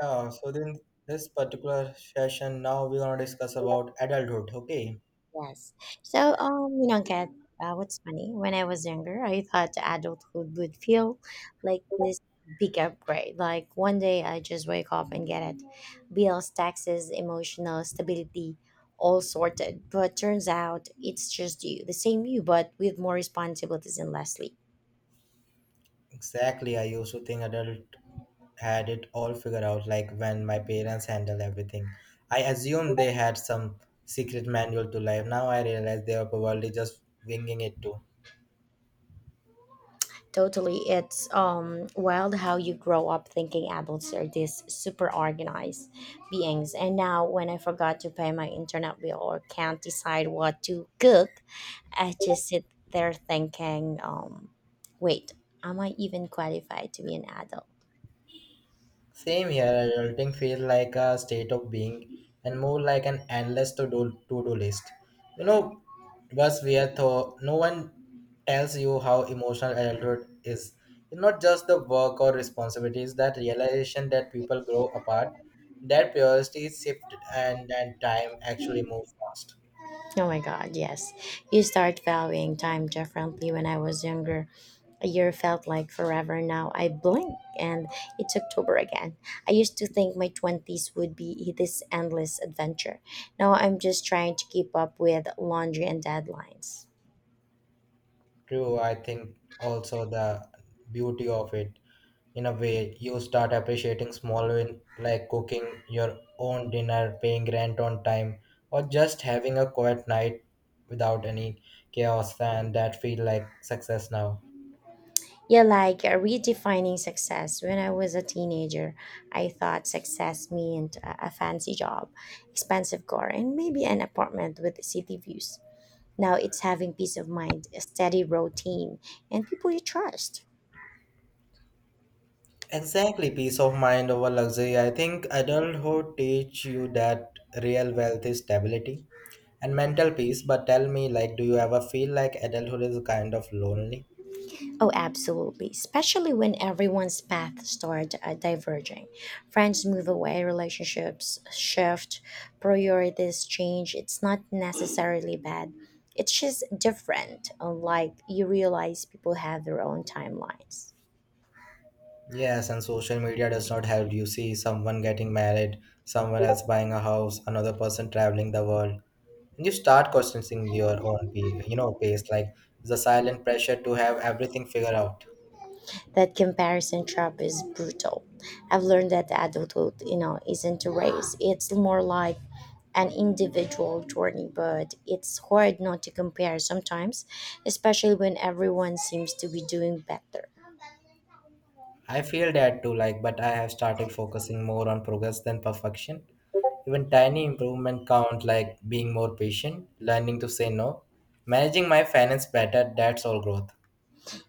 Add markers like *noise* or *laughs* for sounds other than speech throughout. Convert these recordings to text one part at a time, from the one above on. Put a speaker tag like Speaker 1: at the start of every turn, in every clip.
Speaker 1: Yeah, so then this particular session now we're gonna discuss about adulthood. Okay,
Speaker 2: Yes. So, you know, get what's funny? When I was younger, I thought adulthood would feel like this big upgrade. Like one day I just wake up and get it. Bills, taxes, emotional stability, all sorted. But turns out it's just you, the same you, but with more responsibilities and less sleep.
Speaker 1: exactly. I used to think adult had it all figured out, like when my parents handle everything. I assumed they had some secret manual to life. Now I realize they are probably just winging it too.
Speaker 2: Totally. It's wild how you grow up thinking adults are these super organized beings. And now, when I forgot to pay my internet bill or can't decide what to cook, I just sit there thinking, wait, am I even qualified to be an adult?
Speaker 1: Same here, adulting feels like a state of being and more like an endless to do list. You know, what's weird though, no one tells you how emotional adulthood is. It's not just the work or responsibilities, that realization that people grow apart, that priorities shift and that time actually moves fast.
Speaker 2: Oh my God, yes. You start valuing time differently. When I was younger, a year felt like forever. Now I blink and it's October again. I used to think my 20s would be this endless adventure. Now I'm just trying to keep up with laundry and deadlines.
Speaker 1: True, I think also the beauty of it. In a way you start appreciating small wins like cooking your own dinner, paying rent on time, or just having a quiet night without any chaos, and that feel like success now.
Speaker 2: Yeah, like redefining success. When I was a teenager, I thought success meant a fancy job, expensive car, and maybe an apartment with city views. Now it's having peace of mind, a steady routine, and people you trust.
Speaker 1: Exactly, peace of mind over luxury. I think adulthood teach you that real wealth is stability and mental peace. But tell me, like, do you ever feel like adulthood is kind of lonely?
Speaker 2: Oh, absolutely. Especially when everyone's paths start diverging. Friends move away, relationships shift, priorities change. It's not necessarily bad. It's just different. Unlike you realize people have their own timelines.
Speaker 1: Yes, and social media does not help. You see someone getting married, someone else buying a house, another person traveling the world, and you start questioning your own, pace. Like the silent pressure to have everything figured out.
Speaker 2: That comparison trap is brutal. I've learned that adulthood, isn't a race. It's more like an individual journey, but it's hard not to compare sometimes, especially when everyone seems to be doing better.
Speaker 1: I feel that too. Like, but I have started focusing more on progress than perfection. Even tiny improvement count, like being more patient, learning to say no, managing my finance better. That's all growth.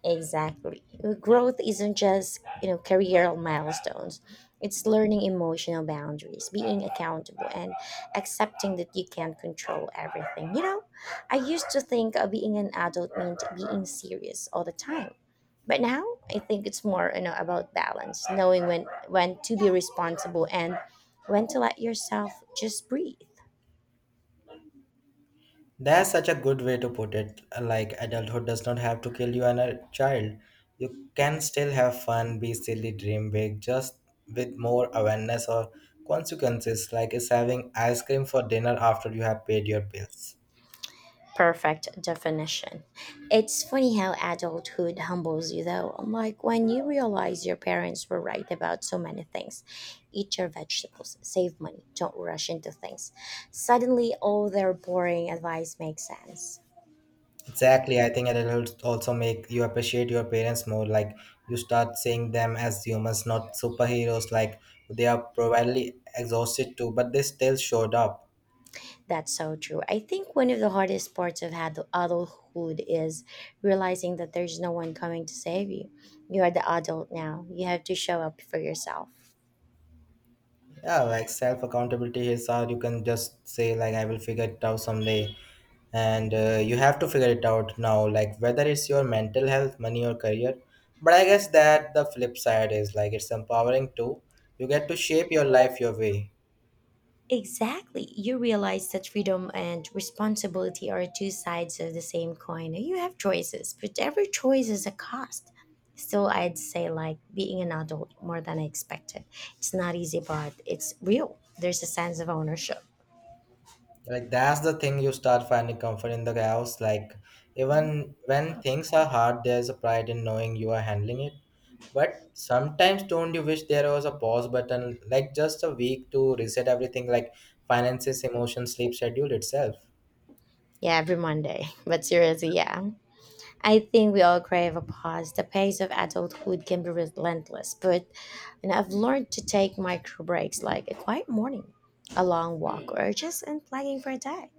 Speaker 2: Exactly. Growth isn't just, career milestones. It's learning emotional boundaries, being accountable and accepting that you can't control everything. I used to think being an adult meant being serious all the time. But now I think it's more, about balance, knowing when to be responsible and when to let yourself just breathe.
Speaker 1: That's such a good way to put it. Like, adulthood does not have to kill you and a child. You can still have fun, be silly, dream big, just with more awareness or consequences, like is having ice cream for dinner after you have paid your bills.
Speaker 2: Perfect definition. It's funny how adulthood humbles you, though. I'm like, when you realize your parents were right about so many things eat your vegetables, save money, don't rush into things. Suddenly, all their boring advice makes sense.
Speaker 1: Exactly. I think adulthood also make you appreciate your parents more. Like, you start seeing them as humans, not superheroes. Like, they are probably exhausted too, but they still showed up.
Speaker 2: That's so true. I think one of the hardest parts of adulthood is realizing that there's no one coming to save you. You are the adult now, you have to show up for yourself.
Speaker 1: Yeah, like self accountability is, or you can just say like I will figure it out someday, and you have to figure it out now, like whether it's your mental health, money, or career. But I guess that the flip side is like it's empowering too. You get to shape your life your way.
Speaker 2: Exactly. You realize that freedom and responsibility are two sides of the same coin. You have choices, but every choice is a cost. Still, I'd say, like, being an adult more than I expected. It's not easy, but it's real. There's a sense of ownership.
Speaker 1: Like that's the thing, you start finding comfort in the chaos. Like, even when things are hard, there's a pride in knowing you are handling it. But sometimes don't you wish there was a pause button, like just a week to reset everything, like finances, emotions, sleep schedule itself?
Speaker 2: Yeah, every Monday. *laughs* But seriously, yeah. I think we all crave a pause. The pace of adulthood can be relentless, but and I've learned to take micro breaks like a quiet morning, a long walk, or just unplugging for a day.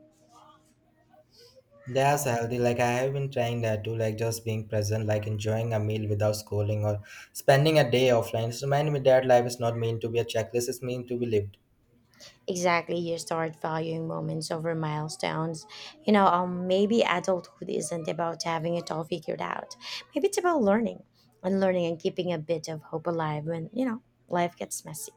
Speaker 1: That's healthy. Like I have been trying that too, like just being present, like enjoying a meal without scrolling or spending a day offline. It's reminding me that life is not meant to be a checklist, it's meant to be lived.
Speaker 2: Exactly, you start valuing moments over milestones. Maybe adulthood isn't about having it all figured out. Maybe it's about learning and learning and keeping a bit of hope alive when life gets messy.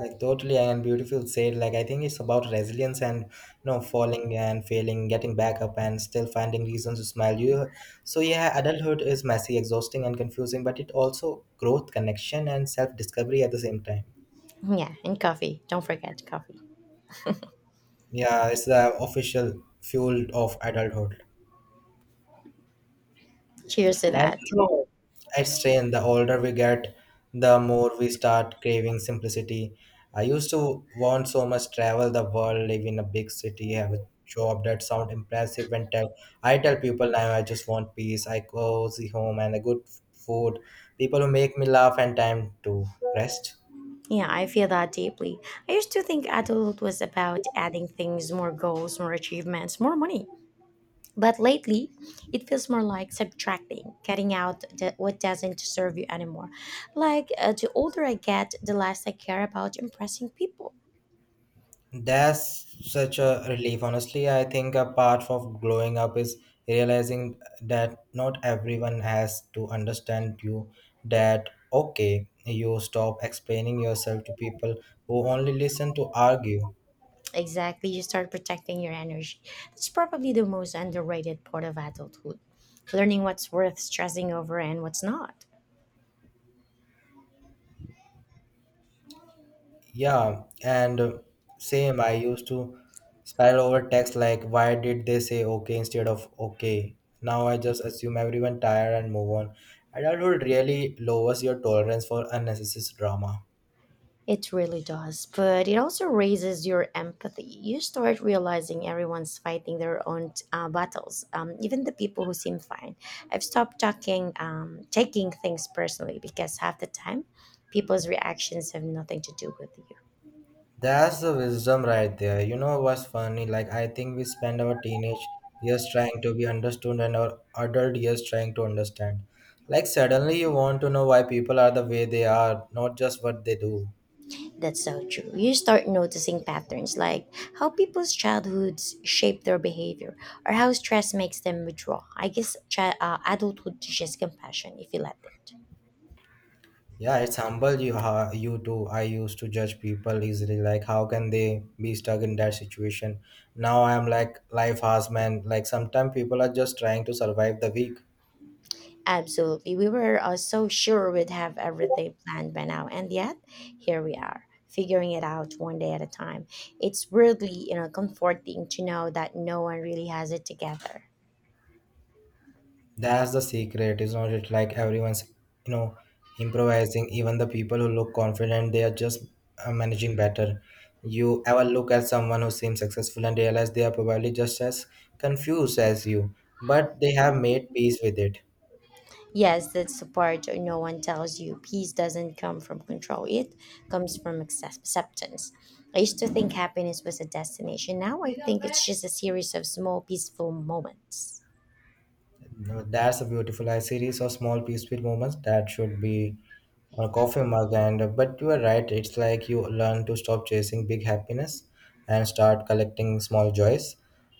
Speaker 1: Like, totally, and beautiful said. Like, I think it's about resilience and, you know, falling and failing, getting back up and still finding reasons to smile. You, so yeah, adulthood is messy, exhausting, and confusing, but it also growth, connection, and self discovery at the same time.
Speaker 2: *laughs* Yeah, and coffee, don't forget coffee.
Speaker 1: Yeah, it's the official fuel of adulthood.
Speaker 2: Cheers to
Speaker 1: And
Speaker 2: that.
Speaker 1: you know, I strain the older we get, the more we start craving simplicity. I used to want so much, travel the world, live in a big city, have a job that sound impressive, and tell I tell people now I just want peace, I cozy home and a good food, people who make me laugh and time to rest.
Speaker 2: Yeah, I feel that deeply. I used to think adulthood was about adding things more goals more achievements more money. But lately, it feels more like subtracting, cutting out the, what doesn't serve you anymore. Like the older I get, the less I care about impressing people.
Speaker 1: That's such a relief. Honestly, I think a part of growing up is realizing that not everyone has to understand you. That okay, you stop explaining yourself to people who only listen to argue.
Speaker 2: Exactly, you start protecting your energy. That's probably the most underrated part of adulthood, learning what's worth stressing over and what's not.
Speaker 1: Yeah, and same, I used to spiral over text like, why did they say okay instead of okay? Now I just assume everyone tired and move on. Adulthood really lowers your tolerance for unnecessary drama.
Speaker 2: It really does, but it also raises your empathy. You start realizing everyone's fighting their own battles, even the people who seem fine. I've stopped taking things personally because half the time, people's reactions have nothing to do with you.
Speaker 1: That's the wisdom right there. You know what's funny? Like, I think we spend our teenage years trying to be understood and our adult years trying to understand. Like, suddenly you want to know why people are the way they are, not just what they do.
Speaker 2: That's so true. You start noticing patterns like how people's childhoods shape their behavior or how stress makes them withdraw. I guess adulthood teaches compassion if you let it.
Speaker 1: Yeah, it's humble you, you do. I used to judge people easily, like how can they be stuck in that situation? Now I'm like life has man. Like sometimes people are just trying to survive the week.
Speaker 2: Absolutely. We were so sure we'd have everything planned by now, and yet here we are, figuring it out one day at a time. It's weirdly, comforting to know that no one really has it together.
Speaker 1: That's the secret, it's not it? Like everyone's, you know, improvising. Even the people who look confident, they are just managing better. You ever look at someone who seems successful and realize they are probably just as confused as you, but they have made peace with it.
Speaker 2: Yes, that's the part no one tells you. Peace doesn't come from control, it comes from acceptance. I used to think happiness was a destination. Now I think it's just a series of small, peaceful moments.
Speaker 1: No, that's a beautiful, a series of small peaceful moments that should be on a coffee mug. And but you are right, it's like you learn to stop chasing big happiness and start collecting small joys,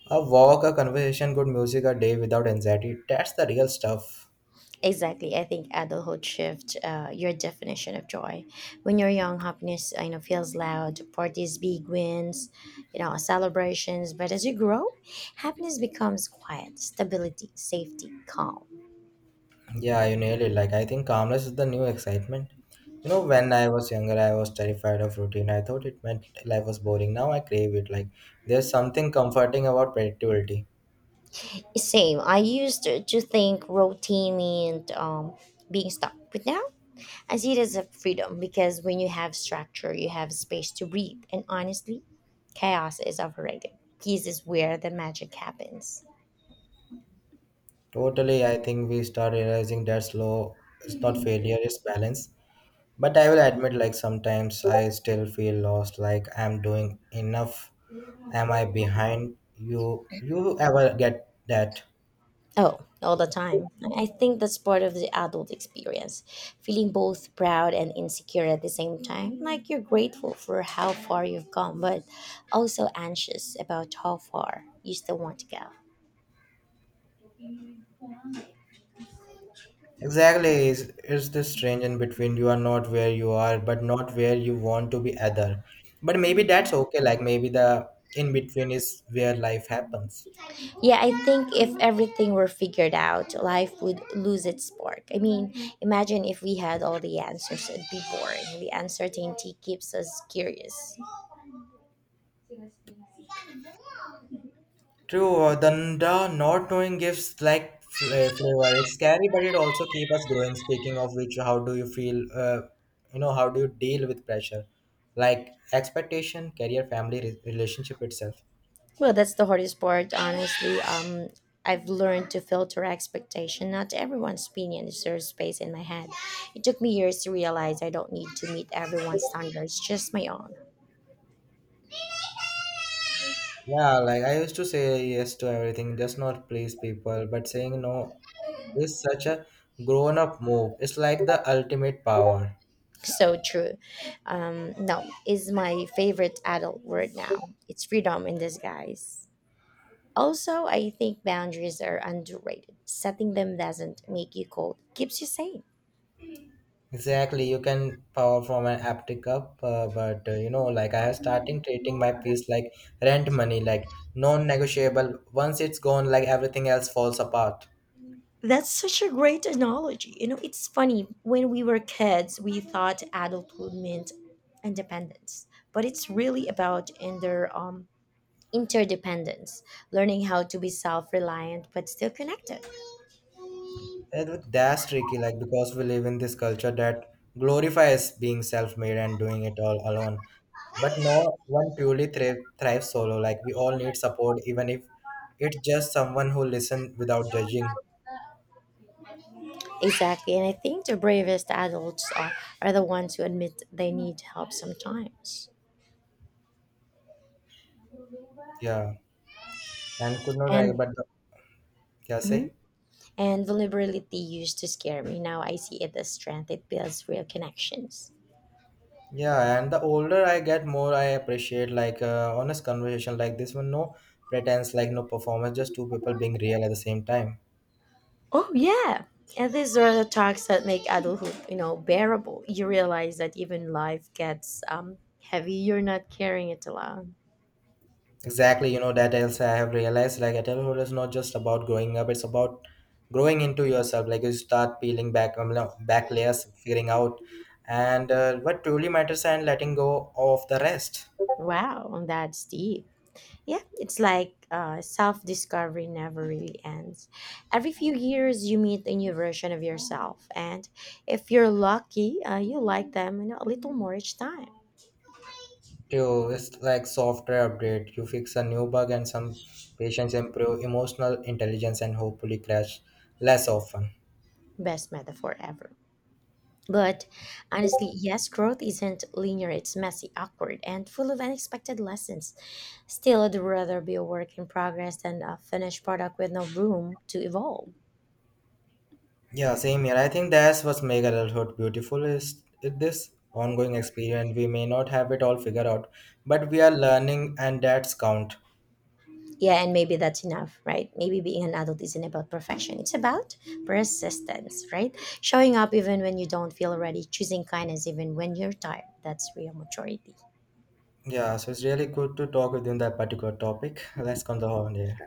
Speaker 1: a walk, a conversation, good music, a day without anxiety, that's the real stuff.
Speaker 2: Exactly. I think adulthood shifts your definition of joy. When you're young, happiness feels loud, parties, big wins, celebrations. But as you grow, happiness becomes quiet, stability, safety, calm.
Speaker 1: Yeah, you nailed it. Like, I think calmness is the new excitement. You know, when I was younger I was terrified of routine, I thought it meant life was boring. Now I crave it, like there's something comforting about predictability.
Speaker 2: Same. I used to think routine meant being stuck, but now I see it as a freedom because when you have structure, you have space to breathe. And honestly, chaos is overrated. Peace is where the magic happens.
Speaker 1: Totally, I think we start realizing that slow is not failure, it's balance. But I will admit, like sometimes I still feel lost, like I'm doing enough. Am I behind? You ever get that?
Speaker 2: Oh, all the time. I think that's part of the adult experience. Feeling both proud and insecure at the same time. Like you're grateful for how far you've come, but also anxious about how far you still want to go.
Speaker 1: Exactly, is this strange in between? You are not where you are, but not where you want to be either. But maybe that's okay, like maybe the in between is where life happens.
Speaker 2: Yeah, I think if everything were figured out, life would lose its spark. I mean, imagine if we had all the answers, it'd be boring. The uncertainty keeps us curious.
Speaker 1: True, the not knowing gives like flavor. It's scary, but it also keep us growing. Speaking of which, how do you feel? You know, how do you deal with pressure, like expectation, career, family, relationship itself?
Speaker 2: Well, that's the hardest part, honestly. I've learned to filter expectation. Not everyone's opinion deserves space in my head. It took me years to realize I don't need to meet everyone's standards, just my own.
Speaker 1: Yeah, like I used to say yes to everything, just not please people. But saying no is such a grown-up move. It's like the ultimate power.
Speaker 2: So true. No, is my favorite adult word now. It's freedom in disguise. Also, I think boundaries are underrated. Setting them doesn't make you cold, keeps you sane.
Speaker 1: Exactly, you can power from an haptic cup, but you know, like I have starting treating my piece like rent money, like non-negotiable. Once it's gone, like everything else falls apart.
Speaker 2: That's such a great analogy. You know, it's funny. When we were kids, we thought adulthood meant independence, but it's really about interdependence, learning how to be self reliant but still connected.
Speaker 1: And look, that's tricky, like because we live in this culture that glorifies being self-made and doing it all alone. But no one truly thrives solo. Like we all need support, even if it's just someone who listen without judging.
Speaker 2: Exactly, and I think the bravest adults are the ones who admit they need help sometimes.
Speaker 1: Yeah, and could not,
Speaker 2: And,
Speaker 1: but yeah,
Speaker 2: mhm,
Speaker 1: say.
Speaker 2: and vulnerability used to scare me. Now I see it as strength. It builds real connections.
Speaker 1: Yeah, and the older I get, more I appreciate like honest conversation like this one. No pretense, like no performance, just two people being real at the same time.
Speaker 2: Oh yeah. And these are the talks that make adulthood, bearable. You realize that even life gets heavy, you're not carrying it alone.
Speaker 1: Exactly, you know that else I have realized like adulthood is not just about growing up; it's about growing into yourself. Like you start peeling back back layers, figuring out, and what truly matters, and letting go of the rest.
Speaker 2: Wow, that's deep. Yeah, it's like self discovery never really ends. Every few years, you meet a new version of yourself, and if you're lucky, you like them, a little more each time.
Speaker 1: Too, it's like software update. You fix a new bug, and some patients improve emotional intelligence, and hopefully crash less often.
Speaker 2: Best metaphor ever. But honestly, yes, growth isn't linear, it's messy, awkward, and full of unexpected lessons. Still, I'd rather be a work in progress than a finished product with no room to evolve.
Speaker 1: Yeah, same here. I think that's what's make adulthood beautiful, is it this ongoing experience. We may not have it all figured out, but we are learning and that's count.
Speaker 2: Yeah, and maybe that's enough, right? Maybe being an adult isn't about perfection, it's about persistence, right? Showing up even when you don't feel ready, choosing kindness even when you're tired. That's real maturity.
Speaker 1: Yeah, so it's really good to talk within that particular topic. Let's come to the horn here.